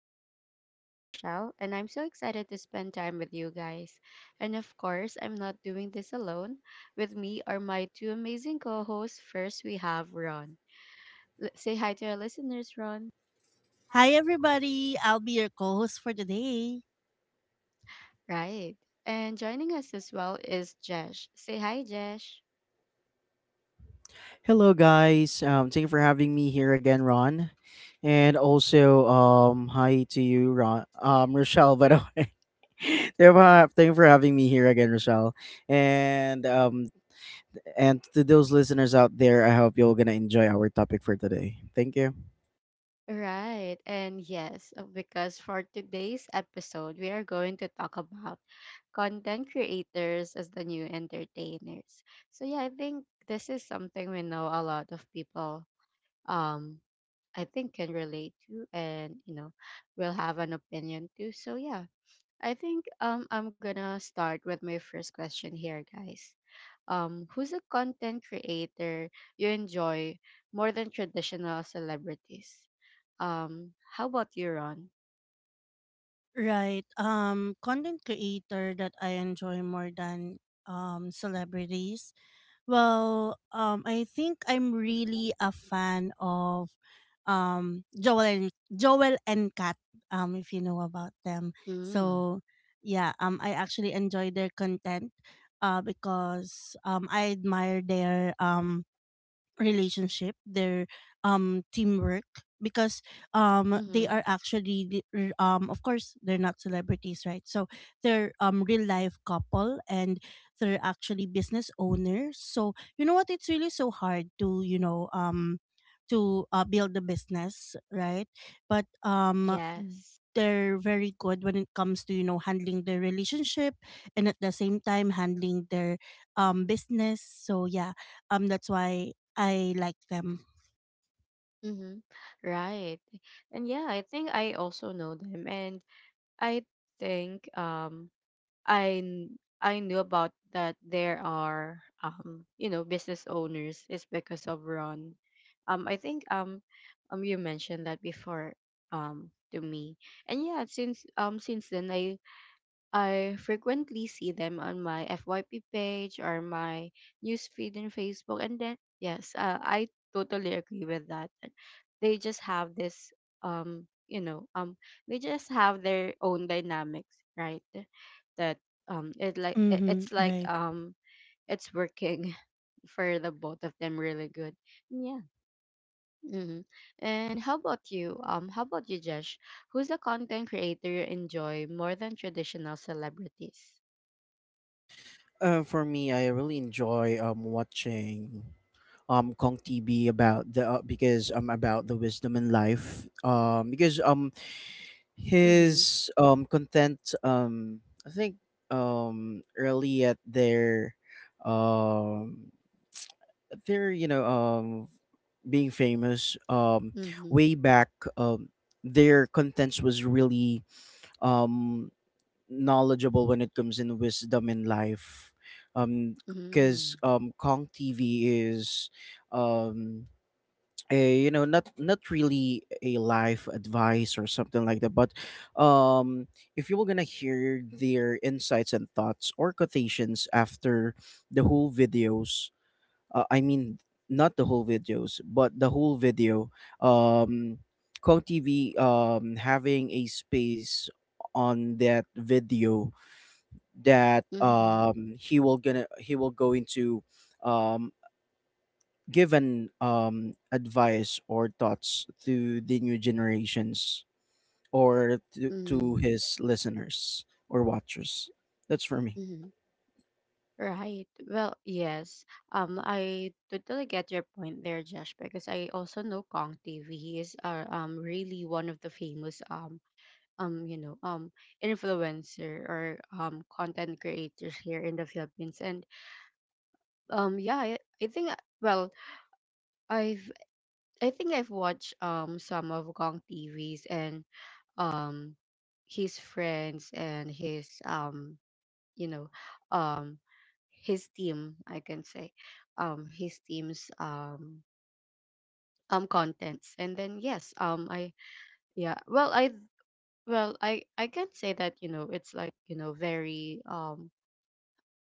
I'm your host, Rochelle, and I'm so excited to spend time with you guys. And of course, I'm not doing this alone. With me are my two amazing co hosts. First, we have Ron. Say hi to our listeners, Ron. Hi everybody, I'll be your co-host for today. Right. And joining us as well is Jesh. Say hi, Jesh. Hello, guys. Thank you for having me here again, Ron. And also, hi to you, Ron. Rochelle, by the way. Thank you for having me here again, Rochelle. And um, and to those listeners out there, I hope you're gonna enjoy our topic for today. Thank you. Right. And yes, because for today's episode, we are going to talk about content creators as the new entertainers. So yeah, I think this is something we know a lot of people um I think can relate to and will have an opinion to. So yeah, I think I'm gonna start with my first question here, guys. Who's a content creator you enjoy more than traditional celebrities? How about you, Ron? Right. Content creator that I enjoy more than celebrities. Well, I think I'm really a fan of Joel and Kat, if you know about them. Mm. So yeah, I actually enjoy their content because I admire their relationship, their teamwork because they Mm-hmm. are actually the- r- of course they're not celebrities, right? So they're real life couple and they're actually business owners, so you know what, it's really so hard to build a business, right? But Yes. they're very good when it comes to you know handling their relationship and at the same time handling their business. So that's why I like them. Mm-hmm. Right. And yeah, I think I also know them, and I think I knew about that there are business owners is because of Ron. I think you mentioned that before to me. And yeah, since then I frequently see them on my FYP page or my newsfeed in Facebook. And then, yes, I totally agree with that. And they just have this, um, you know, um, they just have their own dynamics, right? That it like it- Mm-hmm. it's like Right. It's working for the both of them really good. Yeah. hmm And how about you? How about you, Josh? Who's the content creator you enjoy more than traditional celebrities? For me, I really enjoy watching Kong TV about the because about the wisdom in life. Because Mhm. his content I think early at um their being famous Mhm. way back um their contents was really um knowledgeable when it comes in wisdom in life um because Mhm. Kong TV is um a you know not really a life advice or something like that but um if you were gonna hear their insights and thoughts or quotations after the whole videos uh, i mean not the whole videos but the whole video. um Kong TV having a space on that video that Mhm. He will gonna he will go into um given advice or thoughts to the new generations or to, Mhm. his listeners or watchers. That's for me. Mhm. Right. Well, yes. I totally get your point there, Josh, because I also know Kong TV. He is really one of the famous um you know um influencer or content creators here in the Philippines. And yeah, I think well I've I think I've watched some of Kong TVs and um his friends and his you know um his team I can say his team's contents. And then yes, I yeah well I I can say that it's like, you know very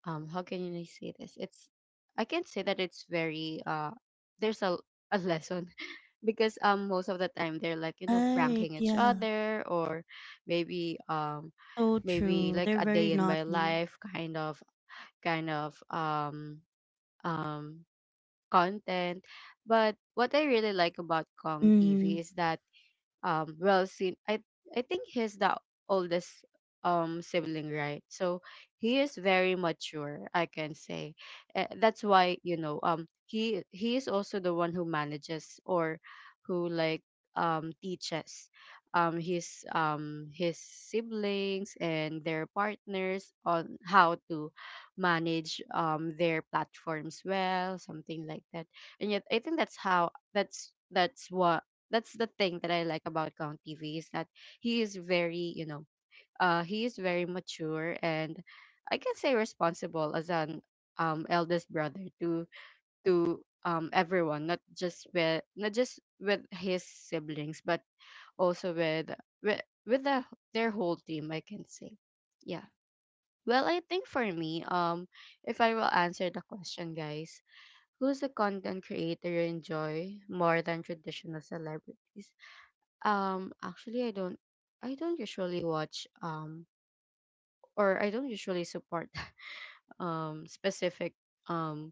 how can you say this, it's, I can say that it's very, there's a lesson because most of the time they're like, Right. pranking each Yeah. other, or maybe So maybe true. like They're a very day in my naughty. life kind of kind of um um content. But what I really like about Kong Mm-hmm. TV is that well seen I think he's the oldest sibling, right? So he is very mature, I can say. That's why, he is also the one who manages, or who, like, teaches his siblings and their partners on how to manage their platforms well, something like that. And yet I think that's how, that's the thing that I like about Kang TV is that he is very, you know, he is very mature and I can say responsible as an eldest brother to everyone, not just with, his siblings, but also with with the- their whole team, I can say. Yeah. Well, I think for me, if I will answer the question, guys, who's a content creator you enjoy more than traditional celebrities? Actually, I don't. I don't usually watch or I don't usually support specific um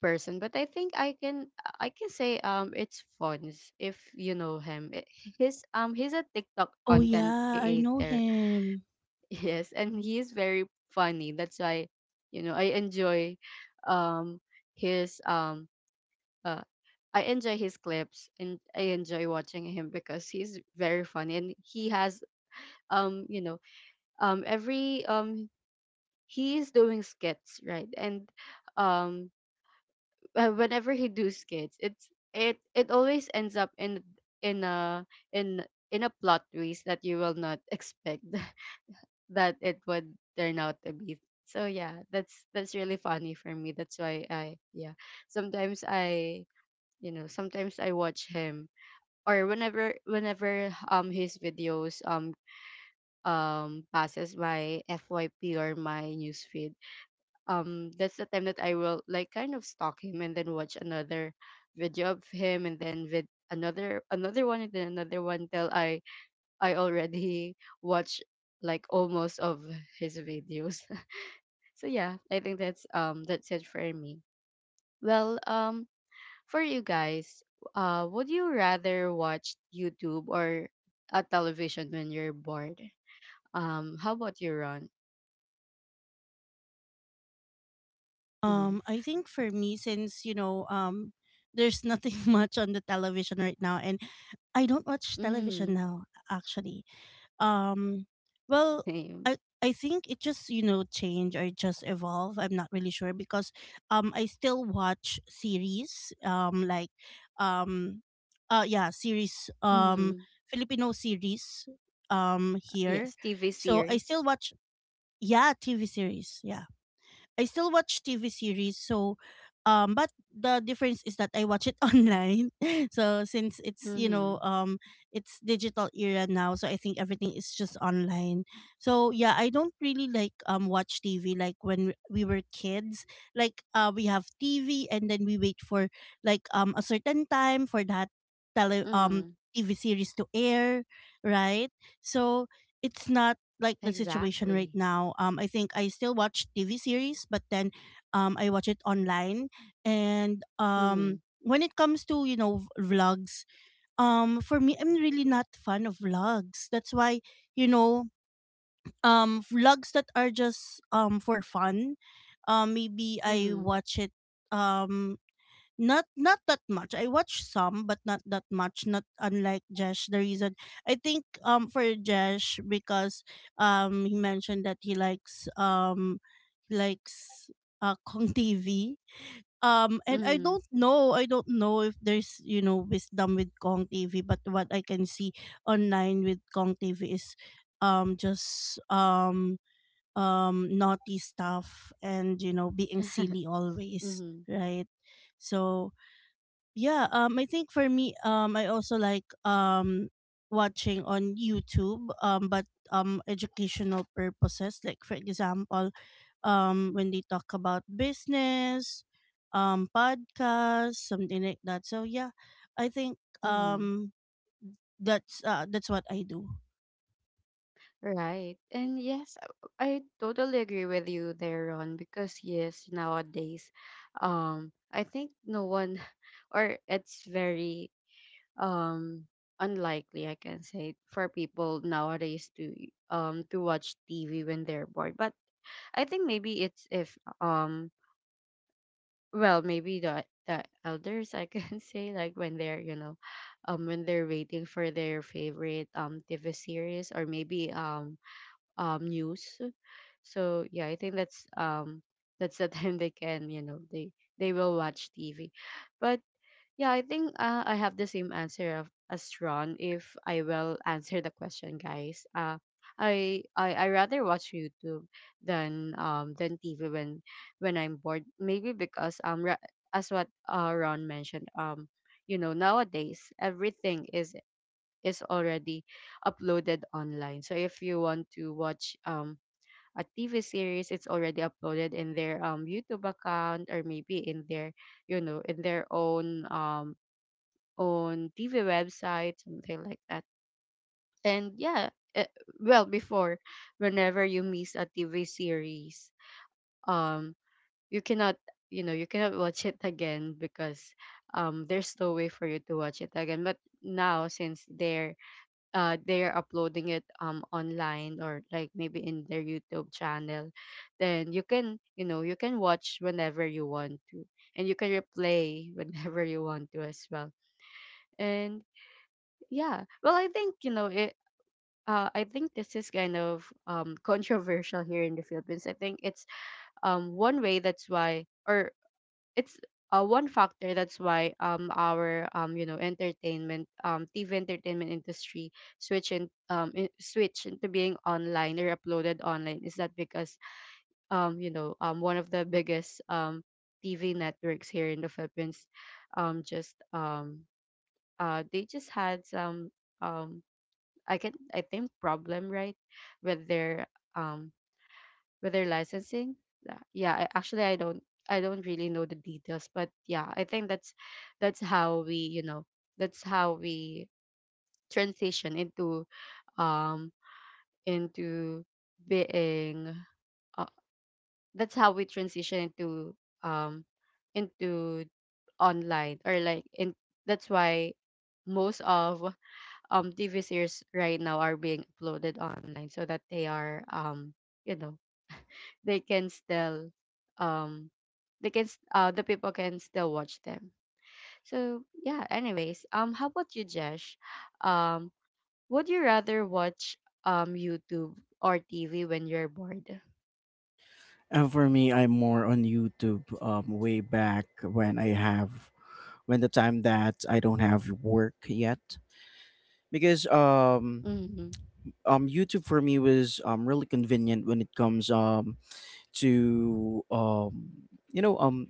person, but I think I can say it's Fons, if you know him. His he's a TikTok Oh content yeah, I know creator. him. Yes, and he's very funny. That's why, I enjoy um his uh I enjoy his clips and I enjoy watching him because he's very funny, and he has you know every he is doing skits, right? And um whenever he do skits, it always ends up in, in a in in a plot twist that you will not expect that it would turn out to be. So yeah, that's really funny for me. That's why, I yeah, sometimes I sometimes I watch him, or whenever his videos passes my FYP or my newsfeed, that's the time that I will, like, kind of stalk him and then watch another video of him, and then with another one, and then another one till I already watch like almost of his videos. So yeah, I think that's it for me. Well, for you guys, would you rather watch YouTube or a television when you're bored? How about you, Ron? I think for Mm-hmm. me, since you know, there's nothing much on the television right now, and I don't watch television now Mm-hmm. actually. um well i Same. I think it just you know change or just evolve, I'm not really sure because I still watch series um yeah, series, Mm-hmm. Filipino series here, Yes, TV so I still series. watch, yeah, TV series, yeah. I still watch TV series, so but the difference is that I watch it online. So since it's, you know, Mhm. It's digital era now, so I think everything is just online. So yeah, I don't really like watch TV like when we were kids. Like we have TV and then we wait for like a certain time for that tele Mhm. TV series to air, right? So it's not like the situation right Exactly. now. I think I still watch TV series, but then I watch it online. And Mhm. When it comes to you know vlogs, for me, I'm really not fan of vlogs. That's why you know vlogs that are just for fun, maybe I Mhm. watch it, um not that much. I watch some, but not that much. Not unlike Jesh. The reason I think for Jesh, because he mentioned that he likes Kong TV. And I Mhm. don't know. I don't know if there's, you know, wisdom with Kong TV, but what I can see online with Kong TV is just naughty stuff and you know being silly always, Mhm. right? So yeah I think for me, I also like watching on YouTube, but educational purposes, like for example when they talk about business, podcasts, something like that. So yeah I think Mhm. That's what I do. Right. And yes, I totally agree with you there, Ron, because yes, nowadays, I think no one or it's very um unlikely, I can say, for people nowadays to watch TV when they're bored. But I think maybe it's if um well, maybe the elders, I can say, like when they're, when they're waiting for their favorite TV series or maybe news. So yeah, I think that's the time they can, they will watch TV. But yeah, I think I have the same answer of, as Ron, if I will answer the question, guys. I I rather watch YouTube than TV when I'm bored. Maybe because as what Ron mentioned, you know, nowadays everything is already uploaded online. So if you want to watch a TV series, it's already uploaded in their YouTube account, or maybe in their in their own on TV website, something like that. And yeah, eh, well, before, whenever you miss a TV series, um, you cannot, you know, you cannot watch it again because there's no way for you to watch it again. But now, since they're uploading it online, or like maybe in their YouTube channel, then you can, you know, you can watch whenever you want to, and you can replay whenever you want to as well. And yeah. Well, I think, you know, it I think this is kind of controversial here in the Philippines. I think it's one way that's why, or it's one factor that's why our entertainment TV entertainment industry switch into being online or uploaded online, is that because one of the biggest TV networks here in the Philippines just they just had some um I think problem, right, with their um with their licensing. Yeah, actually, I don't really know the details, but yeah, I think that's how we you know that's how we transition into, um into being uh, that's how we transition um into online, or like in, that's why most of TV series right now are being uploaded online so that they are, you know they can still, um they can, the people can still watch them. So yeah, anyways, how about you, Jesh? Um would you rather watch YouTube or TV when you're bored? And for me, I'm more on YouTube, way back when the time that I don't have work yet. Because um, Mhm. um YouTube for me was really convenient when it comes to you know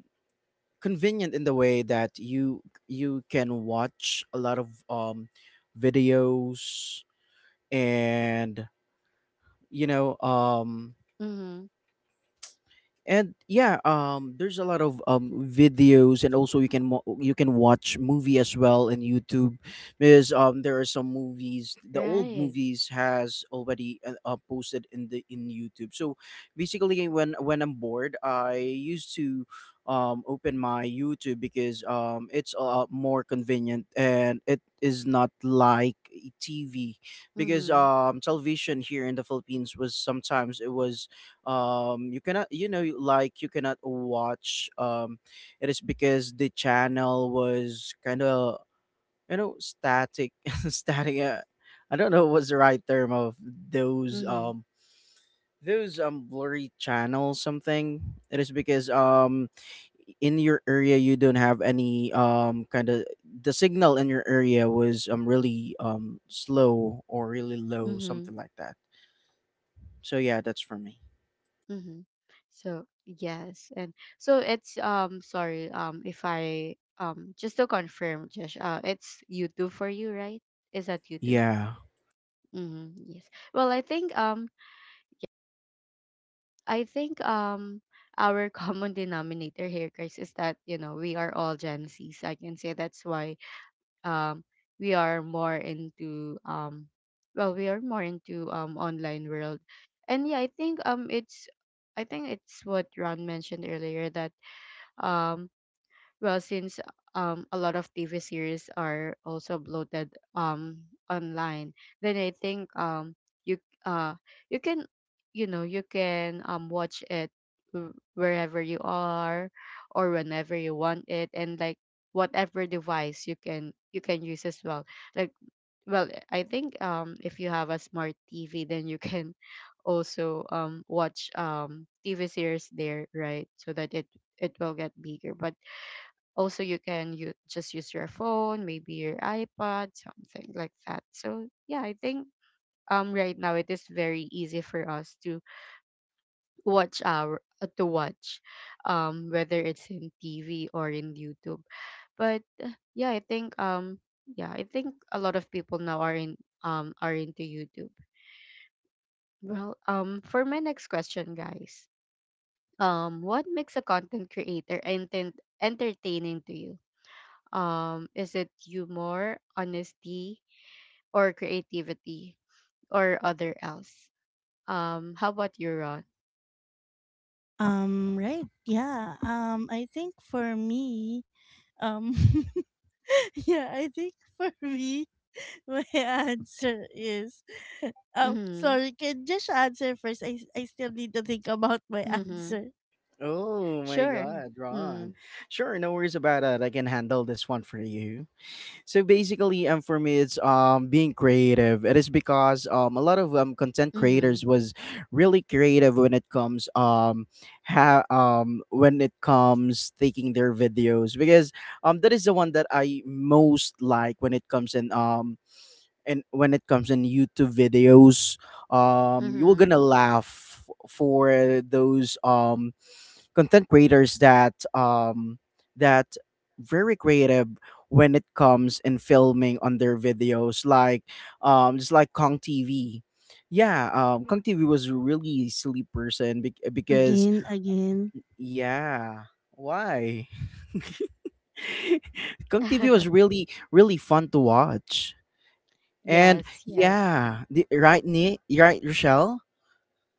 convenient in the way that you can watch a lot of videos and you know um Mhm. There's a lot of videos, and also you can you can watch movie as well in YouTube because there are some movies, the old Right. movies has already posted in the in YouTube. So basically when I'm bored, I used to open my YouTube because it's a lot more convenient, and it is not like a TV because Mhm. Television here in the Philippines was sometimes it was you cannot you know like you cannot watch it is because the channel was kind of you know static static. I don't know what's the right term of those Mhm. Blurry channels, something it is because in your area you don't have any kind of the signal. In your area was really slow or really low, Mhm. something like that. So yeah, that's for me. Mm-hmm. So yes, and so it's, sorry, if I, just to confirm, Josh, it's YouTube for you, right? Is that YouTube? Yeah. Mm-hmm. Yes. Well, I think I think um our common denominator here, Chris, is that you know we are all Gen Zs, I can say. That's why um we are more into, we are more into online world, and yeah, I think it's I think it's what Ron mentioned earlier that um well, since a lot of TV series are also bloated online, then I think you uh you can, you know, you can watch it wherever you are or whenever you want it, and like whatever device you can use as well, like, well, I think if you have a smart TV, then you can also watch TV series there, right, so that it will get bigger. But also, you can you just use your phone, maybe your iPad, something like that. So yeah, I think right now it is very easy for us to watch our, to watch, whether it's in TV or in YouTube. But yeah, I think a lot of people now are in, are into YouTube. Well, for my next question, guys. What makes a content creator entertaining to you? Is it humor, honesty, or creativity, or other else? How about you, Ron? Um right yeah um i think for me, um yeah, I think for me, my answer is Mm-hmm. sorry, can just answer first. I still need to think about my Mm-hmm. answer. Oh my Sure. God, Mm-hmm. Ron. Sure, no worries about it. I can handle this one for you. So basically, for me, it's being creative. It is because a lot of content Mm-hmm. creators was really creative when it comes when it comes taking their videos because that is the one that I most like when it comes in and when it comes in YouTube videos. You were Mm-hmm. gonna laugh for those content creators that that very creative when it comes in filming on their videos, like just like Kong TV. Yeah, Kong TV was a really silly person because Again, again. yeah, why? Kong TV was really really fun to watch. And Yes. Yes. yeah, the, right Rochelle?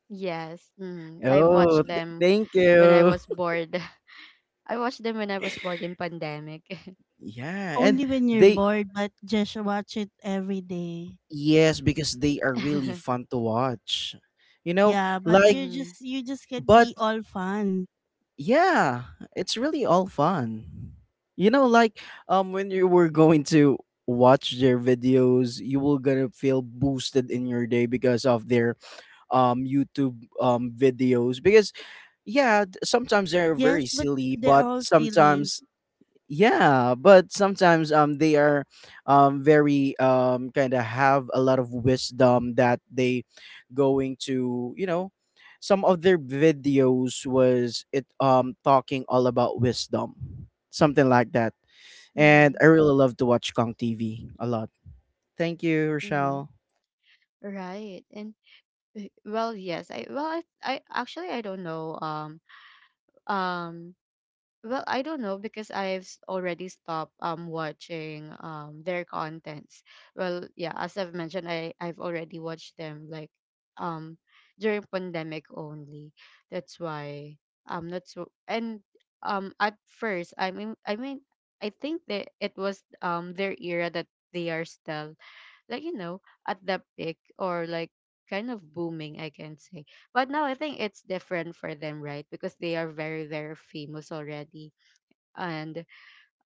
Yes. Mm-hmm. I've Oh, watched them thank when I you. was bored. I watched them when I was bored in pandemic. Yeah, and Only when you're they bored, but just watch it every day. yes, because they are really Mm-hmm. fun to watch. You know, Yeah, yeah, but like you just can but be all fun. yeah, it's really all fun. You know, like when you were going to watch their videos, you will gonna feel boosted in your day because of their YouTube videos. Because yeah, sometimes they're Yes, very but silly, they're but all silly. sometimes yeah, but sometimes they are very kind of have a lot of wisdom that they going to, you know, some of their videos was it talking all about wisdom, something like that. And Mm-hmm. I really love to watch Kong TV a lot. Thank you, Mm-hmm. Rochelle. Right. And well, yes. I well, I actually I don't know. Um. Well, I don't know because already stopped watching their contents. Well, yeah, as I've mentioned, I've already watched them like um during pandemic only. That's why and at first I mean I think that it was their era that they are still, like, you know, at the peak or like kind of booming, I can say. But now I think it's different for them, right? Because they are very very famous already. And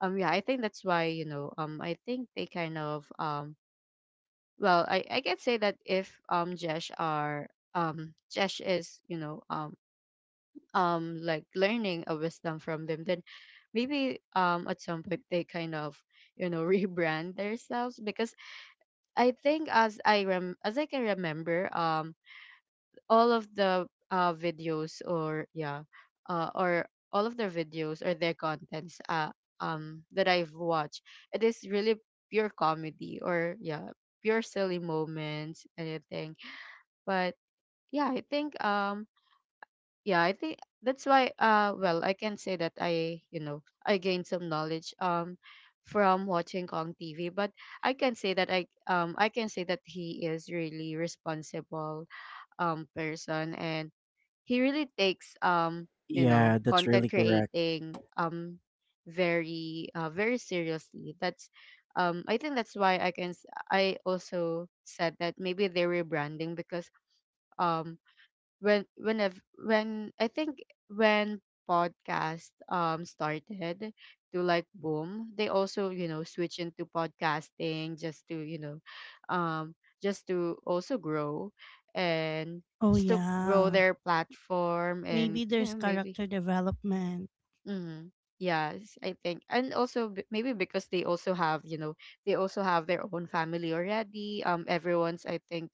yeah, I think that's why, you know, I think they kind of well, I can say that if jesh are jesh is, you know, like learning a wisdom from them, then maybe at some point they kind of, you know, rebrand themselves. Because I think as I can remember all of the videos or yeah or all of their videos or their contents that I've watched, it is really pure comedy, or pure silly moments anything. But yeah, I think yeah, I think that's why. Uh well, I can say that I, you know, I gained some knowledge from watching Kong TV. But I can say that I can say that he is really responsible person, and he really takes you know, Yeah, that's content really correct. creating very seriously. That's I think that's why I also said that maybe they're rebranding. Because um, when when I think when podcast started to like boom, they also, you know, switch into podcasting just to, you know, um just to also grow, and Oh just to grow yeah. their platform. And Maybe you there's know, maybe character development. mm, yes, I think. And also maybe because they also have, you know, they also have their own family already. Everyone's, I think,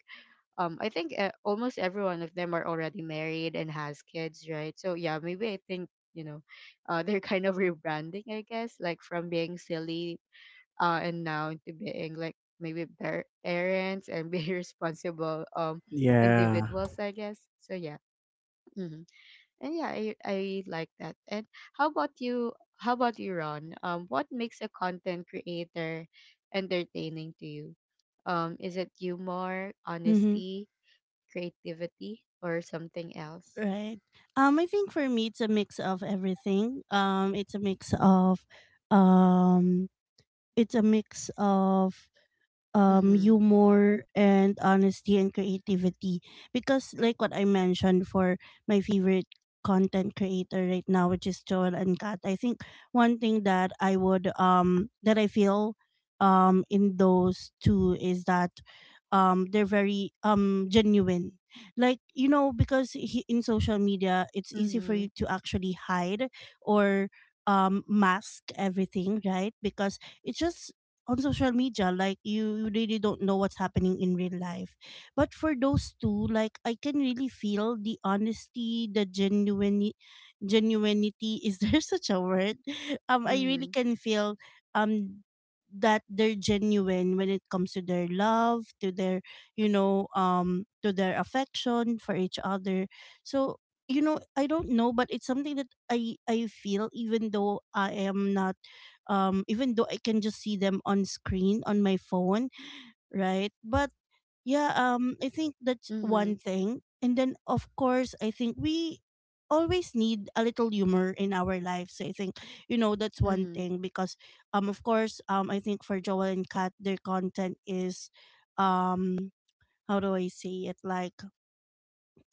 almost every one of them are already married and has kids, right? So yeah, maybe I think, you know, they're kind of rebranding, I guess, like from being silly, and now to being like maybe parents and be responsible Yeah. individuals, I guess. So yeah. Hmm. And yeah, I like that. And how about you, how about you, Ron, what makes a content creator entertaining to you? Um is it humor, Mm-hmm. honesty, creativity, or something else? Right. I think for me it's a mix of everything. Um it's a mix of Mhm. humor and honesty and creativity, because like what I mentioned for my favorite content creator right now, which is Joel and Kat, I think one thing that I would that I feel in those two is that they're very genuine. Like, you know, because he, in social media it's easy for Mhm. you to actually hide or mask everything, right? Because it's just on social media. Like you really don't know what's happening in real life. But for those two, like, I can really feel the honesty, the genuine genuinity is there such a word? I really Mhm. can feel um that they're genuine when it comes to their love, to their you know to their affection for each other. So you know, I don't know, but it's something that I feel, even though I am not even though I can just see them on screen on my phone, right? But yeah I think that's one Mhm. thing. And then of course I think we always need a little humor in our lives. I think, you know, that's one Mhm. thing, because of course I think for Joel and Kat, their content is um how do I say it? Like,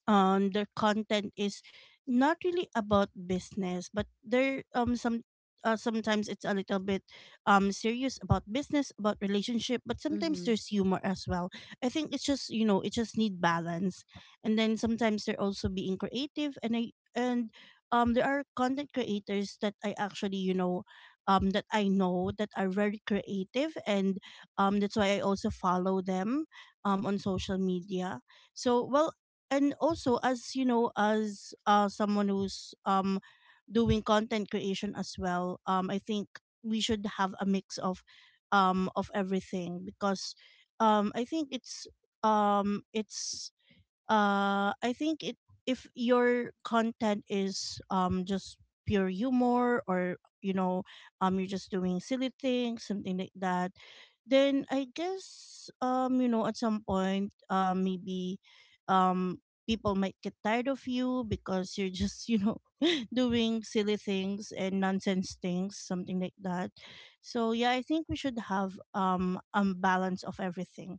their content is not really about business, but they're some sometimes it's a little bit serious about business, about relationship, but sometimes Mhm. there's humor as well. I think it's just, you know, it just need balance. And then sometimes they're also being creative. And I and there are content creators that I actually you know that I know that are very creative. And that's why I also follow them on social media. So well, and also as you know, as someone who's doing content creation as well, I think we should have a mix of everything. Because I think it's I think it if your content is just pure humor, or you know you're just doing silly things, something like that, then I guess you know at some point maybe people might get tired of you because you're just you know doing silly things and nonsense things, something like that. So yeah, I think we should have a balance of everything.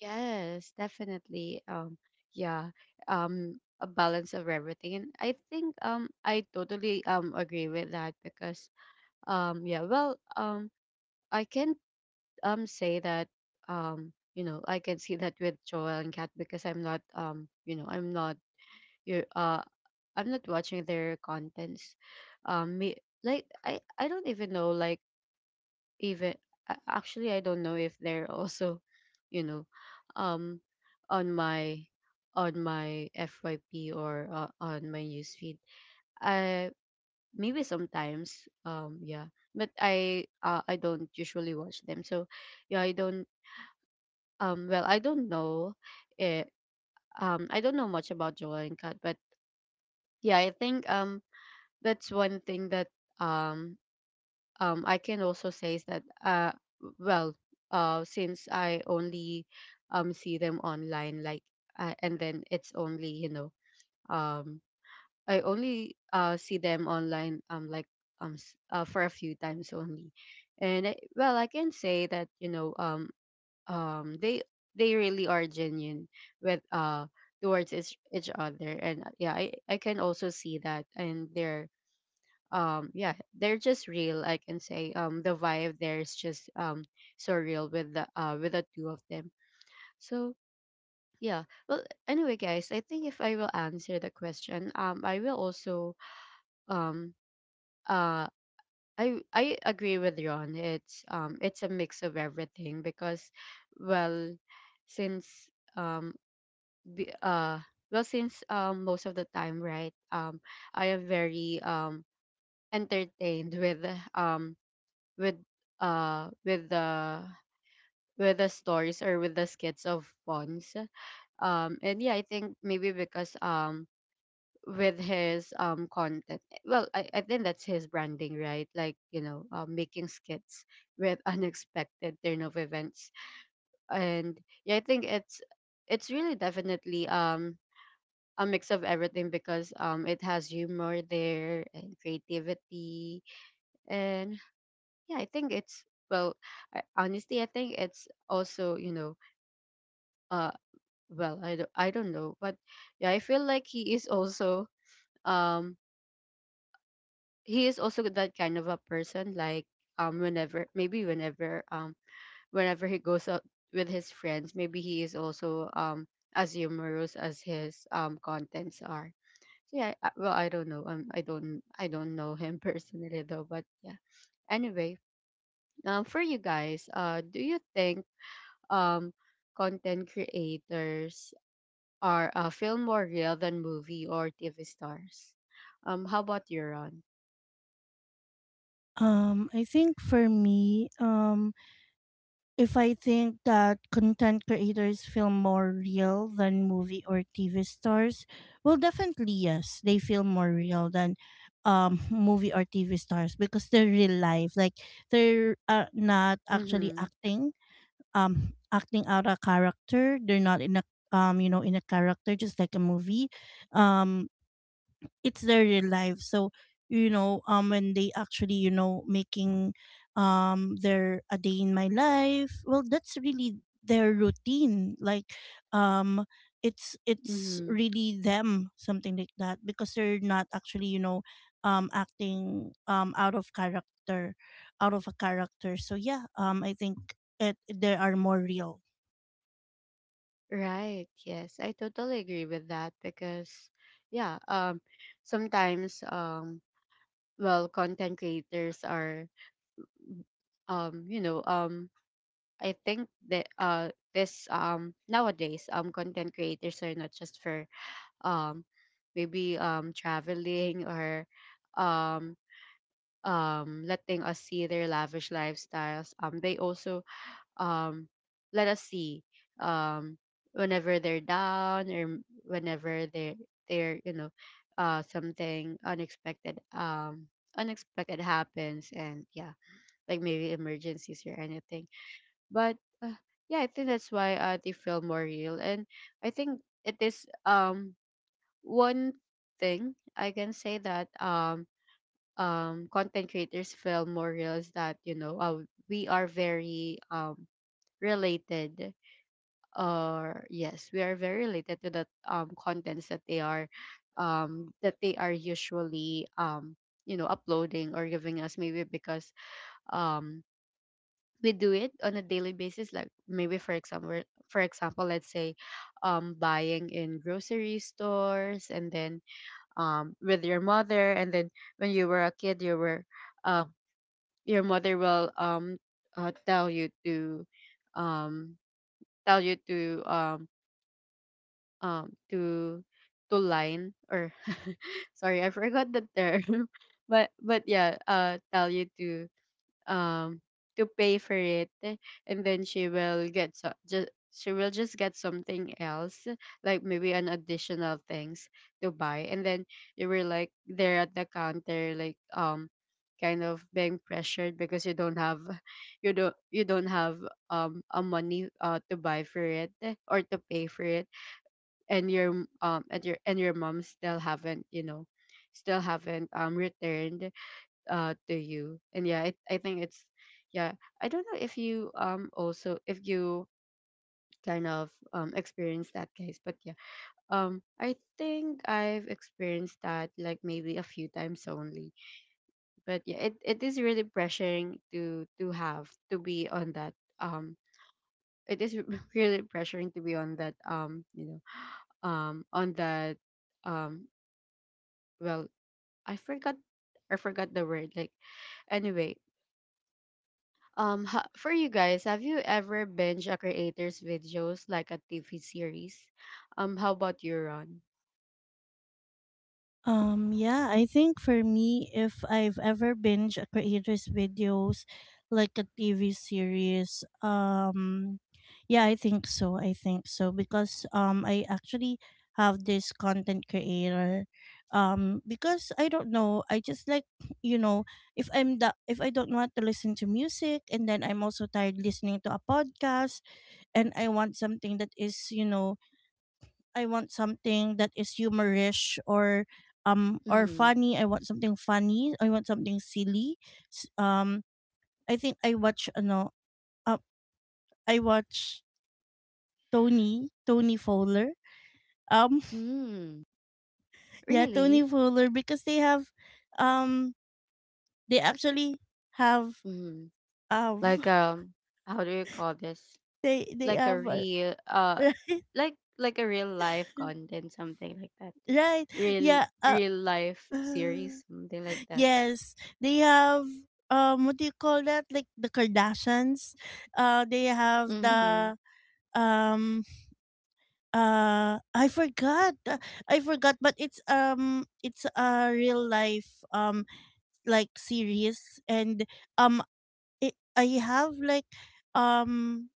Yes, definitely. Yeah, a balance of everything. And I think I totally agree with that. Because yeah, well, I can say that you know, I can see that with Joel and Kat. Because I'm not you know, you uh I'm not watching their contents. Me, like I don't even know, like even, actually I don't know if they're also, you know, um, on my on my FYP or on my newsfeed. I maybe sometimes yeah, but I don't usually watch them. So yeah, I don't well, I don't know it. I don't know much about Joel and Kat, but yeah, I think that's one thing that um I can also say is that well, since I only see them online, like and then it's only, you know, um I only see them online like for a few times only. And well, I can say that, you know, um they they really are genuine with towards each other. And yeah, I can also see that. And they're yeah, they're just real, I can say. The vibe there is just so real with the two of them. So yeah, well, anyway guys, I think if I will answer the question, I will also um uh I agree with Ron, it's a mix of everything. Because well, since um be, uh well, since most of the time, right, I am very entertained with um with uh with the with the stories or with the skits of Pons. And yeah, I think maybe because with his content, well, I think that's his branding, right, like, you know, making skits with unexpected turn of events. And yeah, I think it's really definitely a mix of everything. Because it has humor there and creativity. And yeah, I think it's well, honestly, I think it's also, you know, uh well, I don't know, but yeah, I feel like um he is also that kind of a person, like whenever maybe whenever whenever he goes out with his friends, maybe he is also as humorous as his contents are. So yeah, well, I don't know I don't know him personally though. But yeah, anyway, for you guys, do you think um, content creators are feel more real than movie or TV stars? How about you, Ron? I think for me, if I think that content creators feel more real than movie or TV stars, well, definitely yes, they feel more real than movie or TV stars because they're real life. Like, they're not actually Mm-hmm. acting, acting out a character. They're not in a you know, in a character just like a movie. Um, it's their real life. So you know, when they actually you know making their a day in my life, well, that's really their routine. Like, um it's Mm-hmm. really them, something like that, because they're not actually you know acting out of a character. So I think it they are more real. Right. Yes, I totally agree with that. Because yeah, sometimes, well, content creators are, you know, I think that this nowadays content creators are not just for um maybe traveling or um letting us see their lavish lifestyles. They also um let us see um whenever they're down, or whenever they, they're, you know, something unexpected unexpected happens. And yeah, like maybe emergencies or anything. But uh, yeah, I think that's why they feel more real. And I think it is one thing I can say that content creators feel more real is that, you know, we are very related, or yes, we are very related to the contents that they are usually you know, uploading or giving us. Maybe because um we do it on a daily basis, like maybe for example, for example, let's say buying in grocery stores, and then with your mother, and then when you were a kid, you were uh your mother will uh, tell you to um tell you to um to to line, or sorry, I forgot the term. But yeah, tell you um to pay for it. And then she will get, so just she will just get something else, like maybe an additional things to buy. And then you were like there at the counter, like kind of being pressured, because you don't have you don't have a money to buy for it, eh, or to pay for it. And your and your and your mom still haven't, you know, still haven't returned to you. And yeah, I think it's yeah, I don't know if you also if you kind of experience that guys. But yeah, I think I've experienced that like maybe a few times only. But yeah, it is really pressuring to have to be on that um it is really pressuring to be on that, you know, on that um well, I forgot, I forgot the word, like, anyway. For you guys, have you ever binge a creator's videos like a TV series? How about you, Ron? Yeah, I think for me, if I've ever binge a creator's videos like a TV series, yeah, I think so. I think so, because I actually have this content creator, because I don't know, I just like you know, if I don't want to listen to music, and then I'm also tired listening to a podcast, and I want something that is you know, I want something that is humorish or Mm-hmm. funny. I want something funny. I want something silly. S- Um, I think I watch ano. Uh, I watch Tony Fowler. Um, Hmm. yeah, Really? Tony Fowler, because they have, um, they actually have Mm-hmm. um Like how do you call this? They Like a have real uh, like a real life content, something like that. right, Real yeah, real life uh, series, something like that. yes, they have what do you call that? Like the Kardashians. Uh, they have Mm-hmm. the um I forgot. I forgot, but it's a real life like series. And um I have like um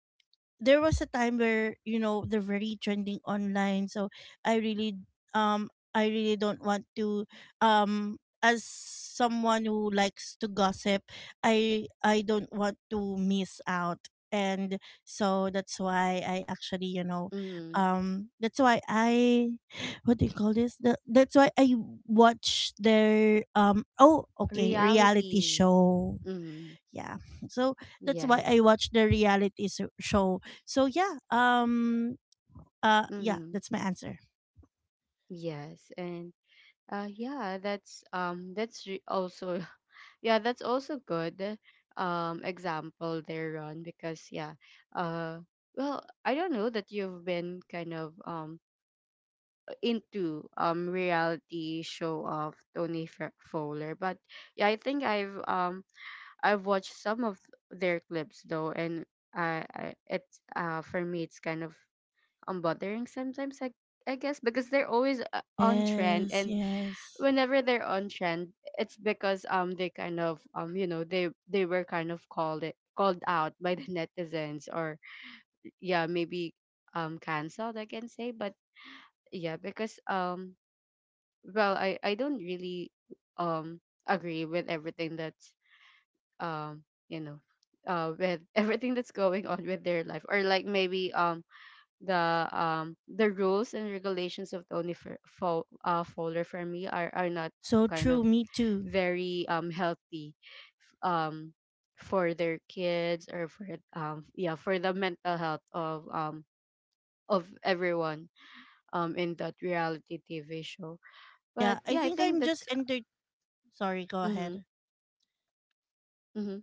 there was a time where you know they're very trending online, so I really um I really don't want to um as someone who likes to gossip, I don't want to miss out. And so that's why I actually you know Mm-hmm. That's why I what do you call this the, that's why I watch their oh okay, reality Reality. show, Mm-hmm. yeah. So that's why I Yes. watch the show. So yeah, Mm-hmm. that's my answer. Yes, and yeah, that's also yeah, that's also good example there, Ron, because uh well, I don't know that you've been kind of into reality show of Fowler, but yeah, I think I've watched some of their clips though, and I it's for me it's kind of bothering sometimes. I guess because they're always on trend, Yes, and yes. whenever they're on trend, it's because they kind of you know they were kind of called out by the netizens, or yeah, maybe canceled, I can say. But yeah, because well I don't really um agree with everything that's you know with everything that's going on with their life, or like maybe the rules and regulations of the folder for me are not So kind true, of me too. very healthy um for their kids, or for yeah, for the mental health of everyone in that reality TV show. Yeah, But I yeah, I think think I'm just that's enter sorry, go mhm ahead. mhm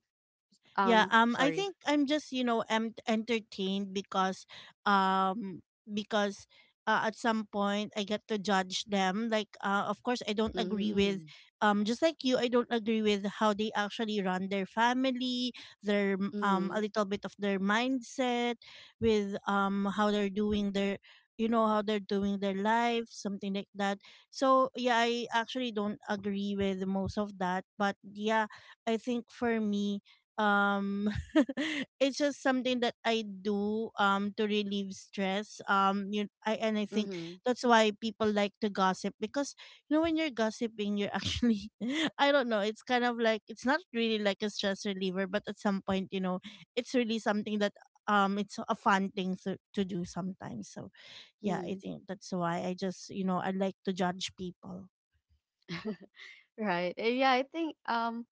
Yeah, I sorry. think I'm just, you know, entertained, because um because at some point I get to judge them. Like of course I don't agree with Mhm just like you, I don't agree with how they actually run their family, their a mhm little bit of their mindset with how they're doing their you know how they're doing their life, something like that. So yeah, I actually don't agree with most of that. But yeah, I think for me, um it's just something that I do to relieve stress. You I And I think mhm that's why people like to gossip, because you know when you're gossiping, you're actually, I don't know, it's kind of like, it's not really like a stress reliever, but at some point, you know, it's really something that it's a fun thing to do sometimes. So yeah, I mhm. think that's why I just you know, I like to judge people. Right. Yeah, I think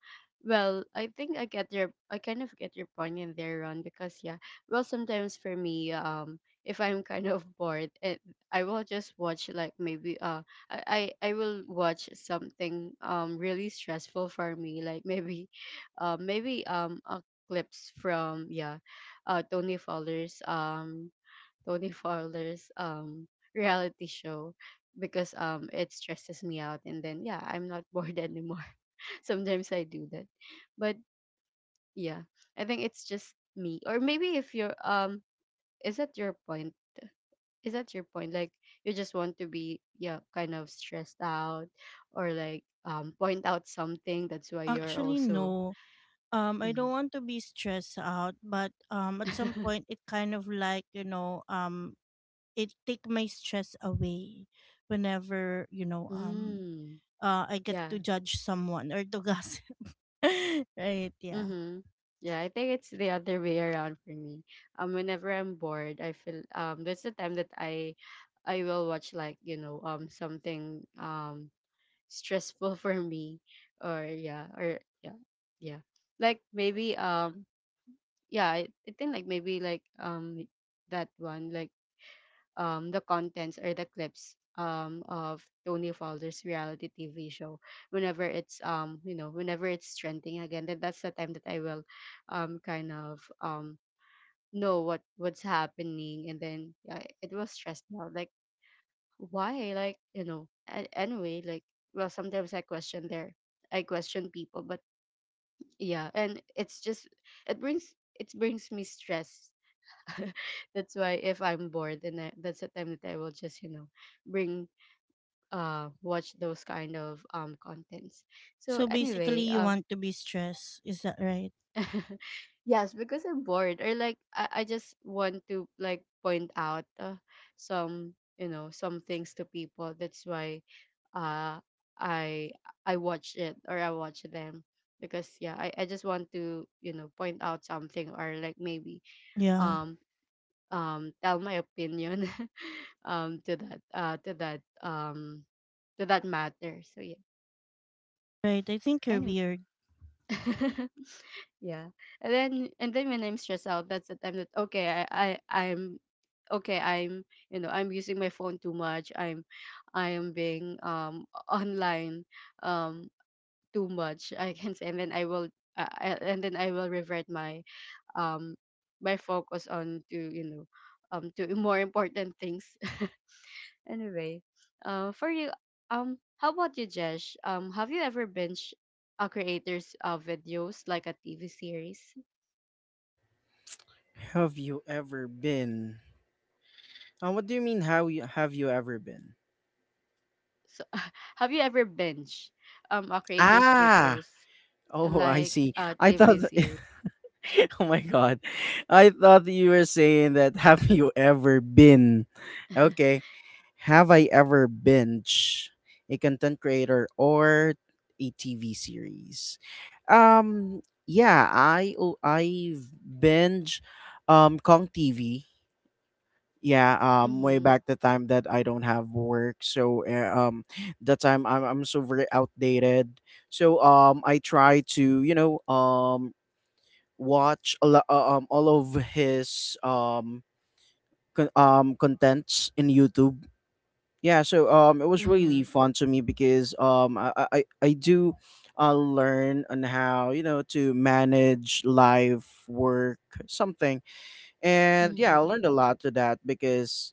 well, I think I kind of get your point in there, Ron, because yeah, well sometimes for me, if I'm kind of bored, it I will just watch like maybe I will watch something really stressful for me, like maybe maybe a clips from yeah uh Tony Fowler's um Tony Fowler's reality show because it stresses me out, and then yeah, I'm not bored anymore. Sometimes I do that. But yeah, I think it's just me. Or maybe if you're is that your point? Is that your point? Like you just want to be, yeah, kind of stressed out, or like point out something. That's why you're Actually, also no. I don't mm. want to be stressed out, but at some point it kind of like, you know, it take my stress away whenever, you know, mm. I get Yeah. to judge someone or to gossip. right, yeah. Mm-hmm. Yeah, I think it's the other way around for me. Whenever I'm bored, I feel that's the time that I will watch like, you know, something stressful for me, or yeah, yeah. Like maybe yeah, I think like maybe like that one like the contents or the clips of Tony Fowler's reality TV show. Whenever it's you know, whenever it's trending again, then that's the time that I will kind of know what what's happening. And then yeah, it was stressed me out. Like why? Like you know. Anyway, like well, sometimes I question their I question people, but yeah, and it's just it brings it brings me stress. That's why if I'm bored, then I, that's the time that I will just you know bring watch those kind of contents. So So basically anyway, you want to be stressed, is that right? yes, because I'm bored, or like I just want to like point out some you know some things to people. That's why uh I I watch it, or I watch them because yeah, I just want to you know point out something, or like maybe Yeah. um tell my opinion. To that to that to that matter. So yeah. Right. I think you're Anyway. weird. Yeah. And then when I'm stressed out, that's the time that okay, I'm okay, I'm you know, I'm using my phone too much. I am being online um too much, I can say. And then I will and then I will revert my um my focus on to you know to more important things. Anyway, for you, how about you, Jesh? Have you ever binge a creator's videos like a TV series? Have you ever been? What do you mean how you have you ever been? So, have you ever binge a creator's Ah, videos oh, I like see. a I thought, TV series? oh my God, I thought you were saying that have you ever been? Okay, have I ever binge a content creator or a TV series? Um, yeah, I binge Kong TV. Yeah, way Mhm, back the time that I don't have work. That time I'm so very outdated, so I try to you know watch all of his contents in YouTube. Yeah, so it was really mhm, fun to me because I do learn on how you know to manage life work, something. And yeah, I mhm, learned a lot to that because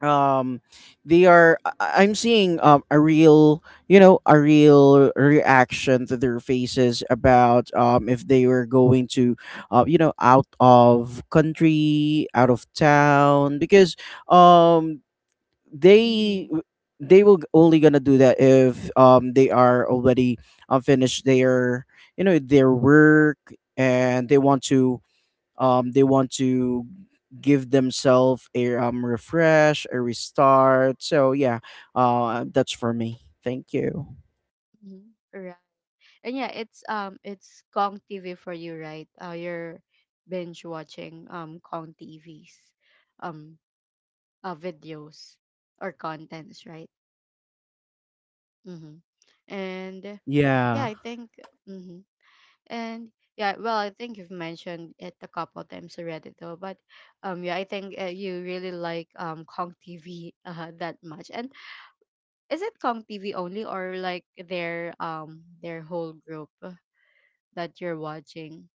um they are am seeing a real you know a real reaction to their faces about if they were going to you know out of country, out of town because um they mhm, they will only gonna do that if they are already finished their you know their work, and they want to give themselves a refresh, a restart. So yeah, that's for me. Thank you. mhm. Right. And yeah, it's Kong TV for you, right? You're binge watching Kong TV's um videos or contents, right? Mm-hmm. And yeah, Yeah. I think, hmm, and yeah, well, I think you've mentioned it a couple times already, though. But yeah, I think you really like Kong TV that much. And is it Kong TV only, or like their whole group that you're watching,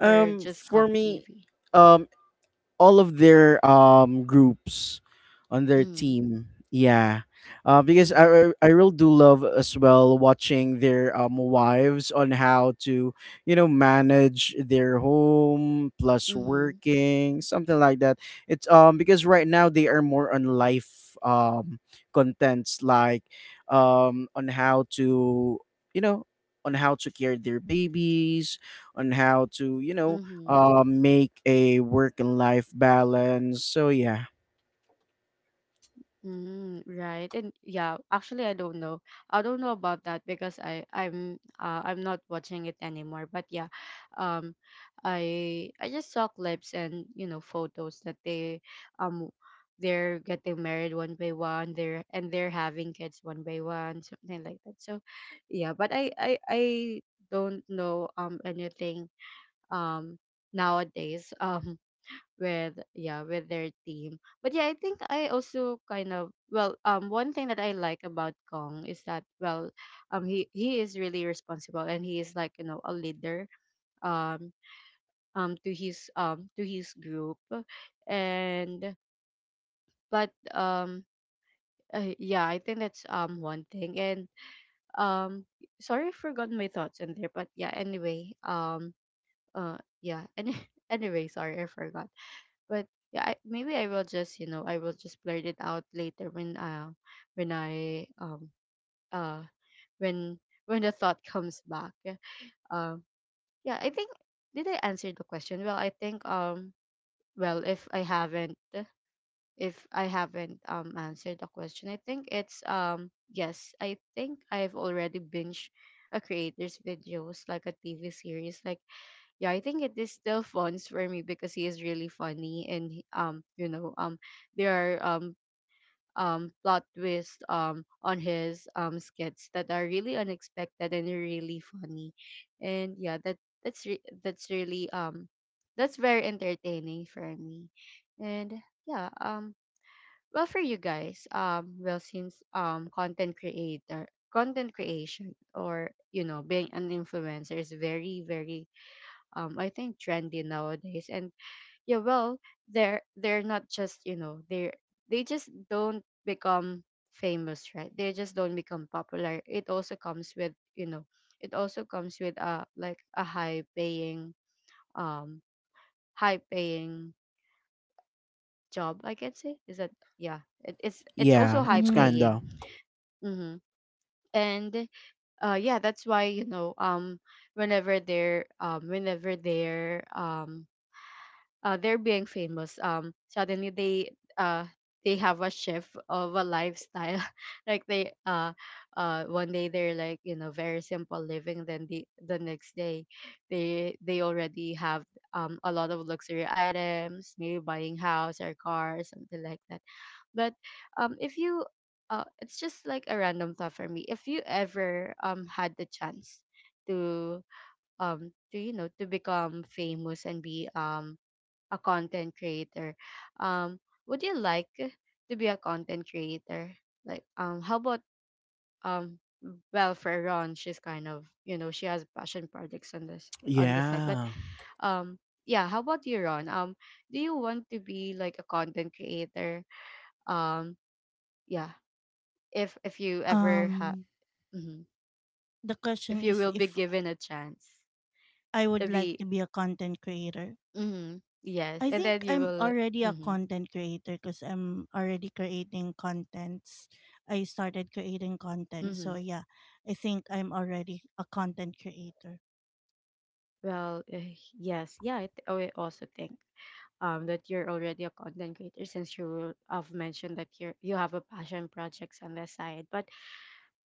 or just for Kong me TV? um all of their groups on their Mm-hmm. team. Yeah. Because Mm-hmm. I really do love as well watching their wives on how to you know manage their home plus Mm-hmm. working, something like that. It's because right now they are more on life contents like on how to you know on how to care their babies, on how to you know Mm-hmm. Make a work and life balance. So yeah, Mm, right. And yeah, actually I don't know. I don't know about that because I'm not watching it anymore. But yeah, um I just saw clips and you know photos that they um they're getting married one by one, they're having kids one by one, something like that. So yeah, but I don't know anything um nowadays. With yeah with their team. But yeah, I think I also kind of well one thing that I like about Kong is that well he is really responsible, and he is like you know a leader um to his group, and but yeah, I think that's one thing. And um sorry, I forgot my thoughts in there, but yeah anyway yeah. And anyway, sorry, I forgot. But yeah, I, maybe I will just you know I will just blurt it out later when I uh when when the thought comes back. Um yeah, I think, did I answer the question? Well, I think well if I haven't answered the question, I think it's yes, I think I've already binged a creator's videos like a TV series. Like yeah, I think it is still fun for me because he is really funny, and you know, there are plot twists on his skits that are really unexpected and really funny, and yeah, that that's really that's very entertaining for me, and yeah, well for you guys, well since content creator content creation, or you know being an influencer, is very very I think trendy nowadays. And yeah, well, they're not just, you know, they're they just don't become famous, right? They just don't become popular. It also comes with, you know, it also comes with a like a um high paying job, I can say. Is that, yeah, it's also yeah, high it's paying. kinda Mm-hmm. And yeah, that's why, you know, whenever they're they're being famous suddenly uh they have a shift of a lifestyle, like they one day they're like you know very simple living, then the next day they already have a lot of luxury items, maybe buying house or car or something like that. But if you it's just like a random thought for me, if you ever had the chance to to you know to become famous and be a content creator. Um, would you like to be a content creator? Like, how about um, well, for Ron, she's kind of you know she has passion projects on this on the side, but yeah. um, yeah, how about you, Ron? Do you want to be like a content creator? Um, yeah, if you ever have, if you will be given a chance to be, mm yes, and then you will, mm-hmm, mm-hmm. Well, yes, yeah, oh, I also think that you're already a content creator since you have mentioned that you are you have a passion projects on the side. But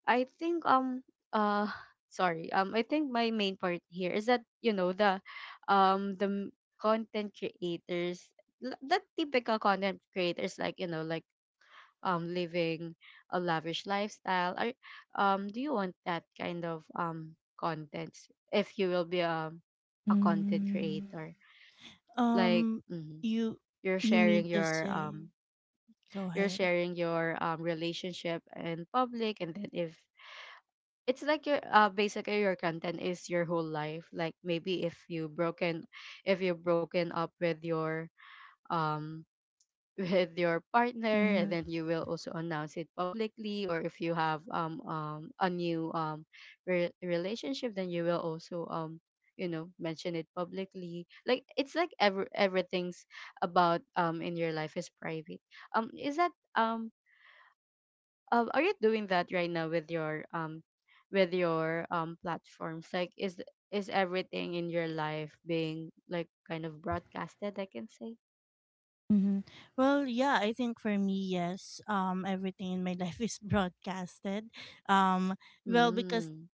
I think uh sorry, I think my main part here is that you know the um the m- content creators, the typical content creators, like you know like living a lavish lifestyle? Are, do you want that kind of content if you will be a content creator? Like mhm, you're sharing your um, you're sharing your relationship in public, and then if it's like your basically your content is your whole life. Like maybe if you broken if you're broken up um with your partner, and then you will also announce it publicly, or if you have a new relationship, then you will also you know mention it publicly, like it's like everything's about in your life is private, is that are you doing that right now with your platforms, like is everything in your life being like kind of broadcasted, I can say mm,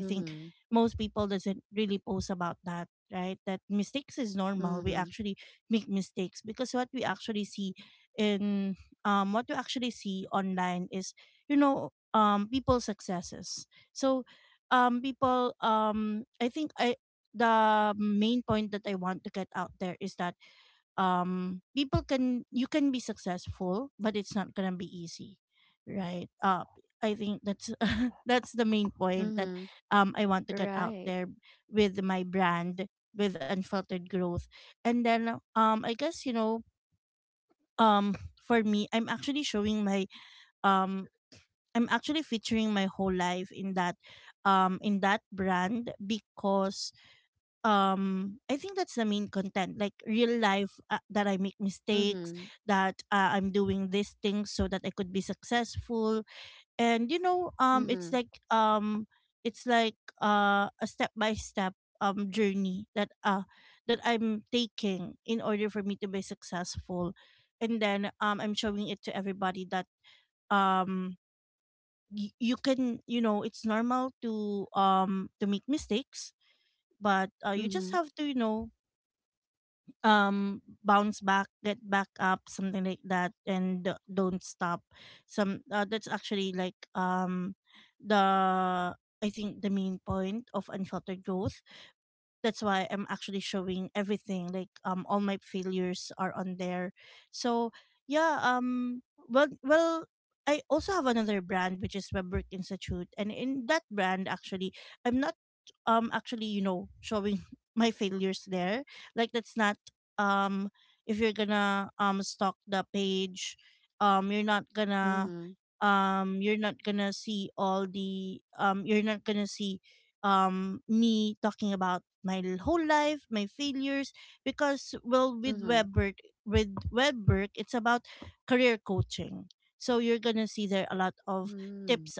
mm-hmm, mm-hmm. Mhm. Right. Mhm. Mhm. Mhm. Mhm. Mhm. Mhm.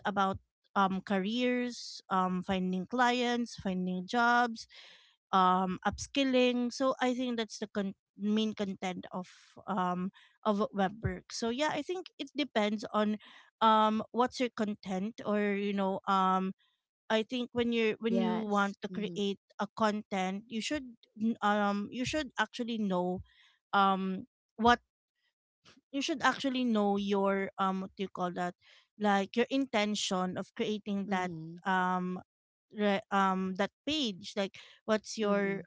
Yes. Mhm. Mhm. Mhm.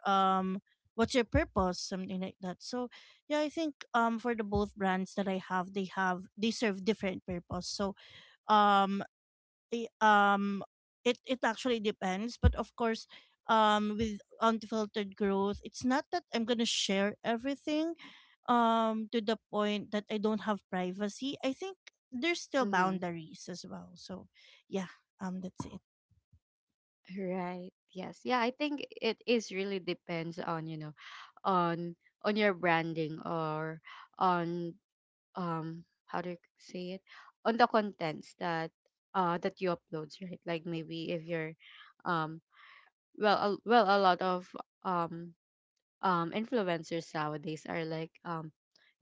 Mhm. Right. Yes. Yeah, I think it is really depends on, you know, on on your branding or on how do you say it? On the contents that that you upload, right? Like maybe if you're um well a lot of um influencers nowadays are like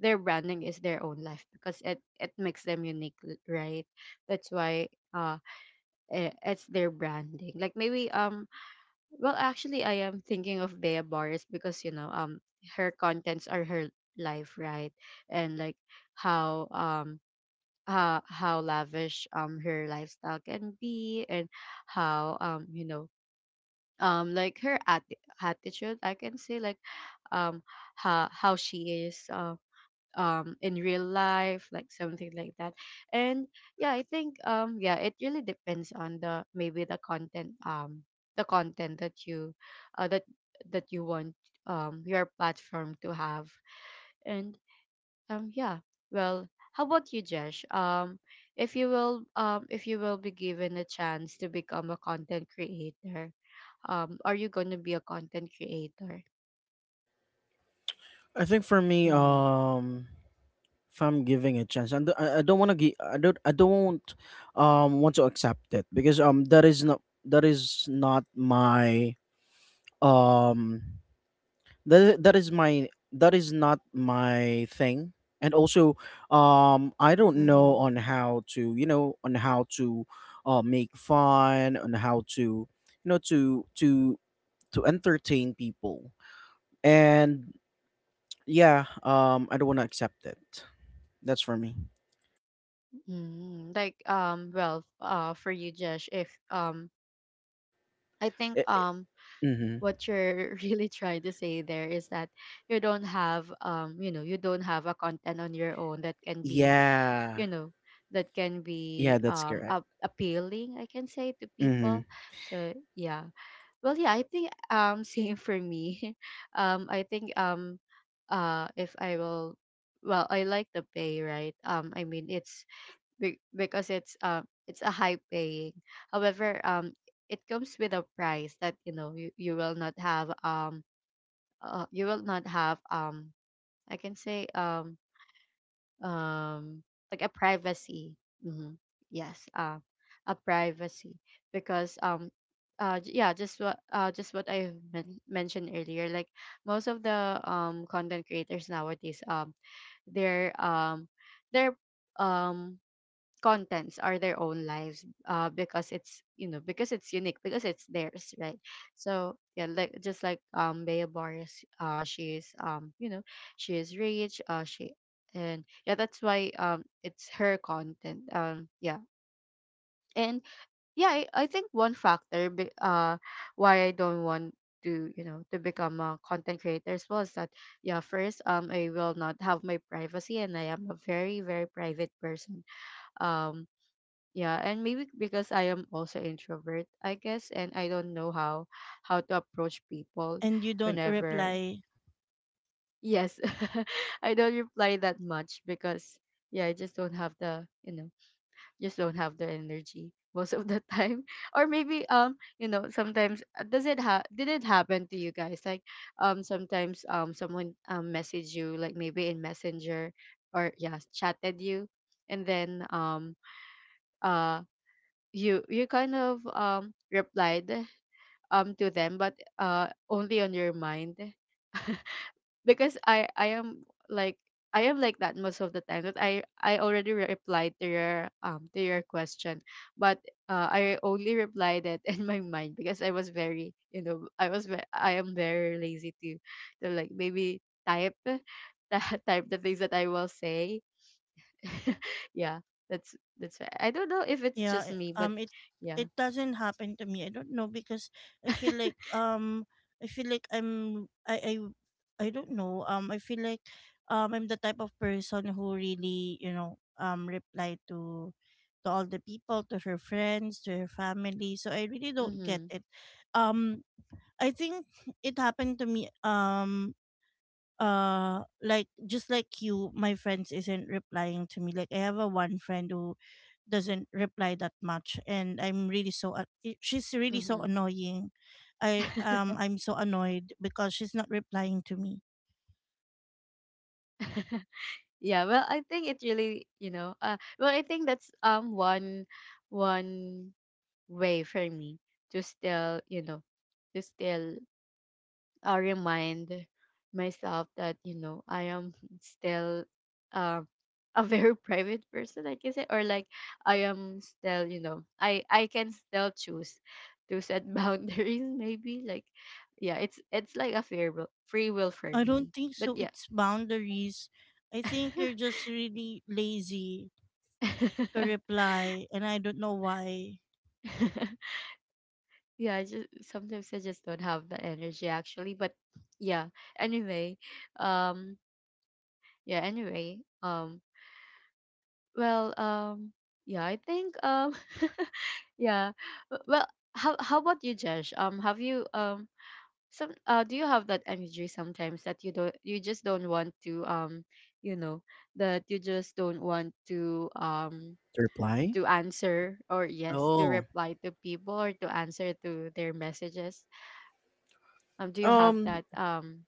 their branding is their own life because it makes them unique right. That's why uh it's their branding, like maybe well actually I am thinking of Bea Boris because her contents are her life, right? And like how how lavish her lifestyle can be, and how like her attitude, I can say, like um how she is, in real life, like something like that. And yeah, I think yeah, it really depends on the maybe the content, the content that you uh, that that you want your platform to have. And yeah. Well, how about you, Jesh? If you will be given a chance to become a content creator, are you going to be a content creator? I think for me, Mm-hmm. If I'm giving a chance, and I don't want to give, I don't, want to accept it because that is not my um that is my that is not my thing. And also I don't know Mm-hmm. on how to you know on how to make fun, on how to you know to entertain people. And yeah, I don't want to accept it. That's for me. Mm-hmm. Like, for you, Jesh, if I think I- I- mhm. what you're really trying to say there is that you don't have you don't have a content on your own that can be, Yeah. you know, that can be Yeah, that's correct. a appealing, I can say, to Mm-hmm. people. So yeah, well yeah, I think same for me. I think if I will, well I like the pay, right? I mean, it's because it's a high paying. However, it comes with a price that, you know, you will not have you will not have, I can say, um like a privacy. Hmm. Yes, a privacy, because yeah, just what, just what I mentioned earlier, like most of the content creators nowadays, they're um they're um contents are their own lives, because it's, you know, because it's unique, because it's theirs, right? So yeah, like just like Bea Boris, she is, you know, she is rich, she. And yeah, that's why it's her content. Yeah. And yeah, I think one factor why I don't want to, you know, to become a content creator, was that, yeah, first, I will not have my privacy, and I am a very very private person. um yeah. And maybe because I am also introvert, I guess, and I don't know how to approach people whenever. Yes. I don't reply that much because, yeah, I just don't have the, you know, just don't have the energy most of the time. Or maybe, sometimes, does it did it happen to you guys, like sometimes someone message you, like maybe in Messenger, or yeah, chatted you, and then uh you kind of replied to them, but only on your mind. Because I am like, I am like that most of the time, that I already replied to your, to your question, but I only replied it in my mind because I was very, you know, I was I am very lazy to like maybe type, type the things that I will say. Yeah. that's that's why, I don't know if it's just me, but yeah. Mhm. Mhm. Yeah, well, I think it really, you know, well, I think that's one, one way for me to still, you know, to still, remind myself that, you know, I am still, um a very private person, I can say, or like I am still, you know, I can still choose to set boundaries, maybe like, yeah, it's like a free will for me. But yeah, yeah, I just, sometimes I just don't have the energy actually, but yeah. Anyway, um yeah, anyway, well, um yeah, I think yeah. Well, how about you, Josh? Have you some do you have that energy sometimes that you don't, you just don't want to, you know that you just don't want Reply. to answer, or yes, to Oh. reply to people, or to answer to their messages? Do you have um that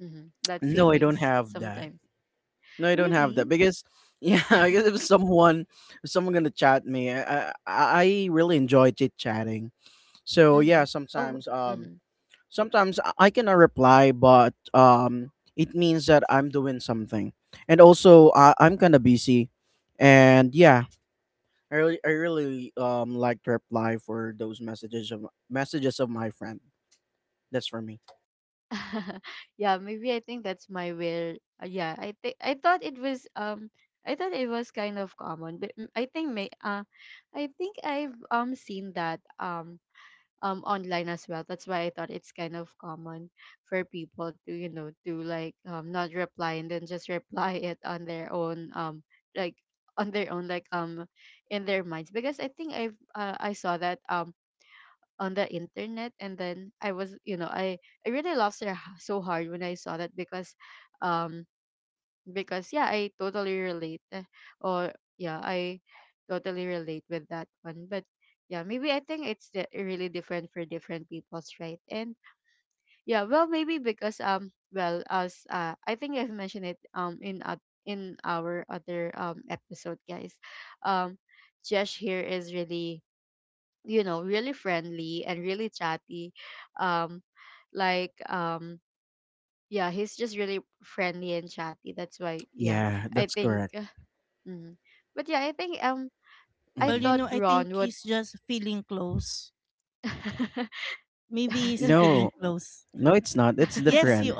mhm, that no, I don't feelings have that. sometimes? No, I don't have that Really. because yeah, I guess if someone gonna chat me, I really enjoy chit chatting. So Mm-hmm. yeah, Oh. sometimes Mm-hmm. sometimes I cannot reply, but it means that I'm doing something, and also I'm kind of busy, and yeah, I really I really like to reply for those messages of my friend. That's for me. Yeah, maybe I think that's my will. Yeah, I think I thought it was I thought it was kind of common, but mm, I think I've seen that online as well. That's why I thought it's kind of common for people to, you know, to like not reply and then just reply it on their own, like on their own, like in their minds, because I think I've, I saw that on the internet, and then I was, you know, I really laughed so so hard when I saw that, um because yeah, I totally relate, eh? Or yeah, I totally relate with that one. But yeah, maybe I think it's really different for different people's, right? And yeah, well, maybe because well, as, I think I've mentioned it in our other episode, guys. um Josh here is really, you know, really friendly and really chatty, um like um yeah, he's just really friendly and chatty, that's why, yeah, Yeah, I that's think. correct. Mm. But yeah, I think I Mhm. thought Ron would. No, no, it's not. It's different.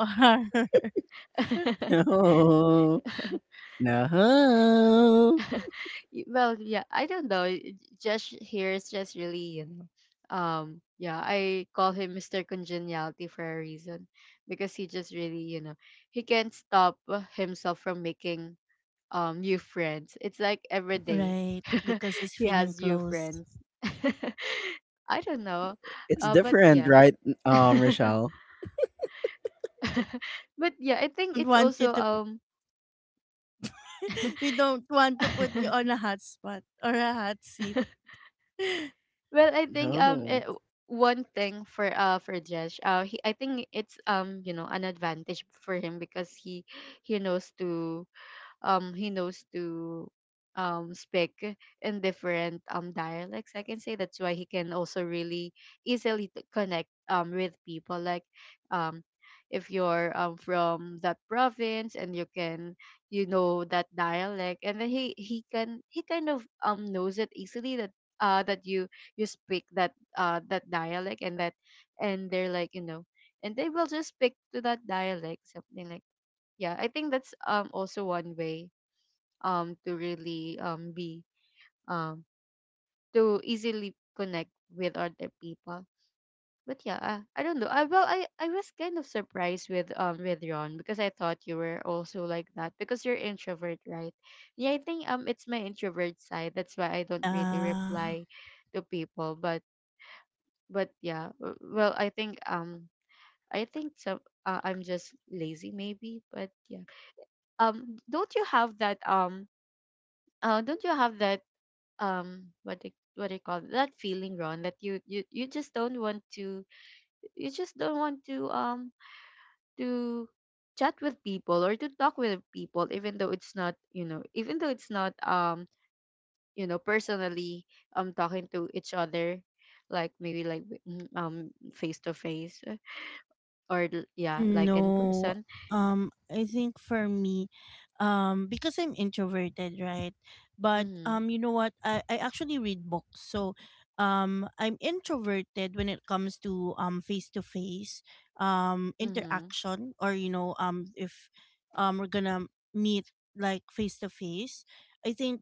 No. No. Well, yeah, I don't know. Just here is just really, you know. Yeah, I call him Mr. Congeniality for a reason, because he just really, you know, he can't stop, himself from making new friends. It's like every day he has new friends. I don't know. It's But different, yeah. right, Rochelle? But yeah, I think it's also well, I think No. One thing for, for Jesh, he, I think it's, you know, an advantage for him, because he, he knows to he knows to speak in different dialects, I can say. That's why he can also really easily connect with people. Like um if you're from that province and you can, you know, that dialect, and then he can, he kind of knows it easily that, that you speak that, that dialect, and that, and they're like, you know, and they will just speak to that dialect, something like, yeah, I think that's also one way to really be um to easily connect with other people. But yeah, I don't know. I Well, I was kind of surprised with Ron, because I thought you were also like that because you're introvert, right? Yeah, I think it's my introvert side, that's why I don't really reply to people, but. But yeah, well, I think I think some, I'm just lazy, maybe, but yeah. Don't you have that don't you have that what they, what do you call it, that feeling, Ron, that you, you just don't want to, you just don't want to chat with people or to talk with people, even though it's not, you know, even though it's not personally talking to each other, like maybe like, face to face, or yeah, like in person. Mhm. Mhm.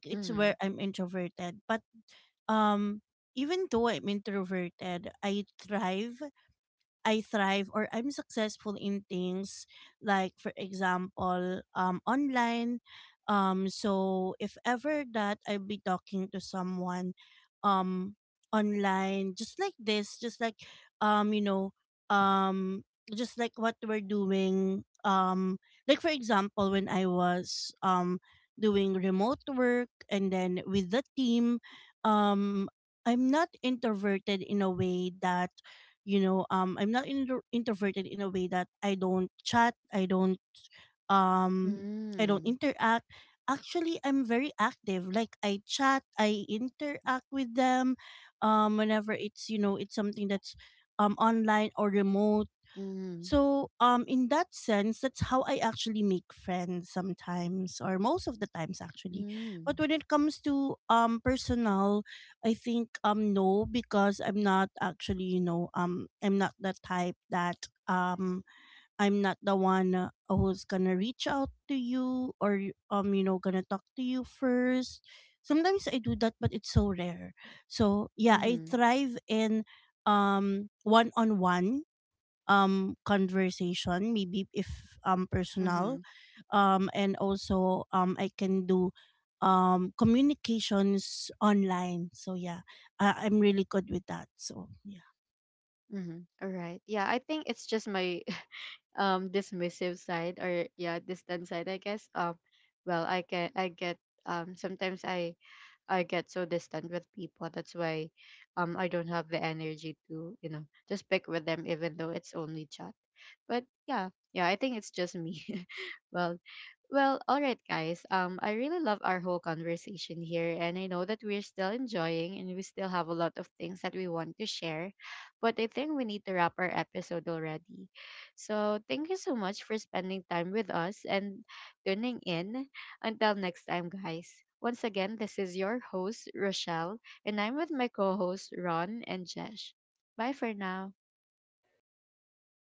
Mhm. Mm-hmm. Mm-hmm. Mm-hmm. Mm-hmm. Mm-hmm. All right. Yeah, I think it's just my dismissive side, or yeah, distant side, I guess. Well, I can, I get sometimes I get so distant with people. That's why I don't have the energy to, you know, just pick with them, even though it's only chat. But yeah, yeah, I think it's just me. Well, well, all right, guys. I really love our whole conversation here, and I know that we're still enjoying and we still have a lot of things that we want to share, but I think we need to wrap our episode already. So, thank you so much for spending time with us and tuning in. Until next time, guys. Once again, this is your host, Rochelle, and I'm with my co hosts, Ron and Jesh. Bye for now. Bye.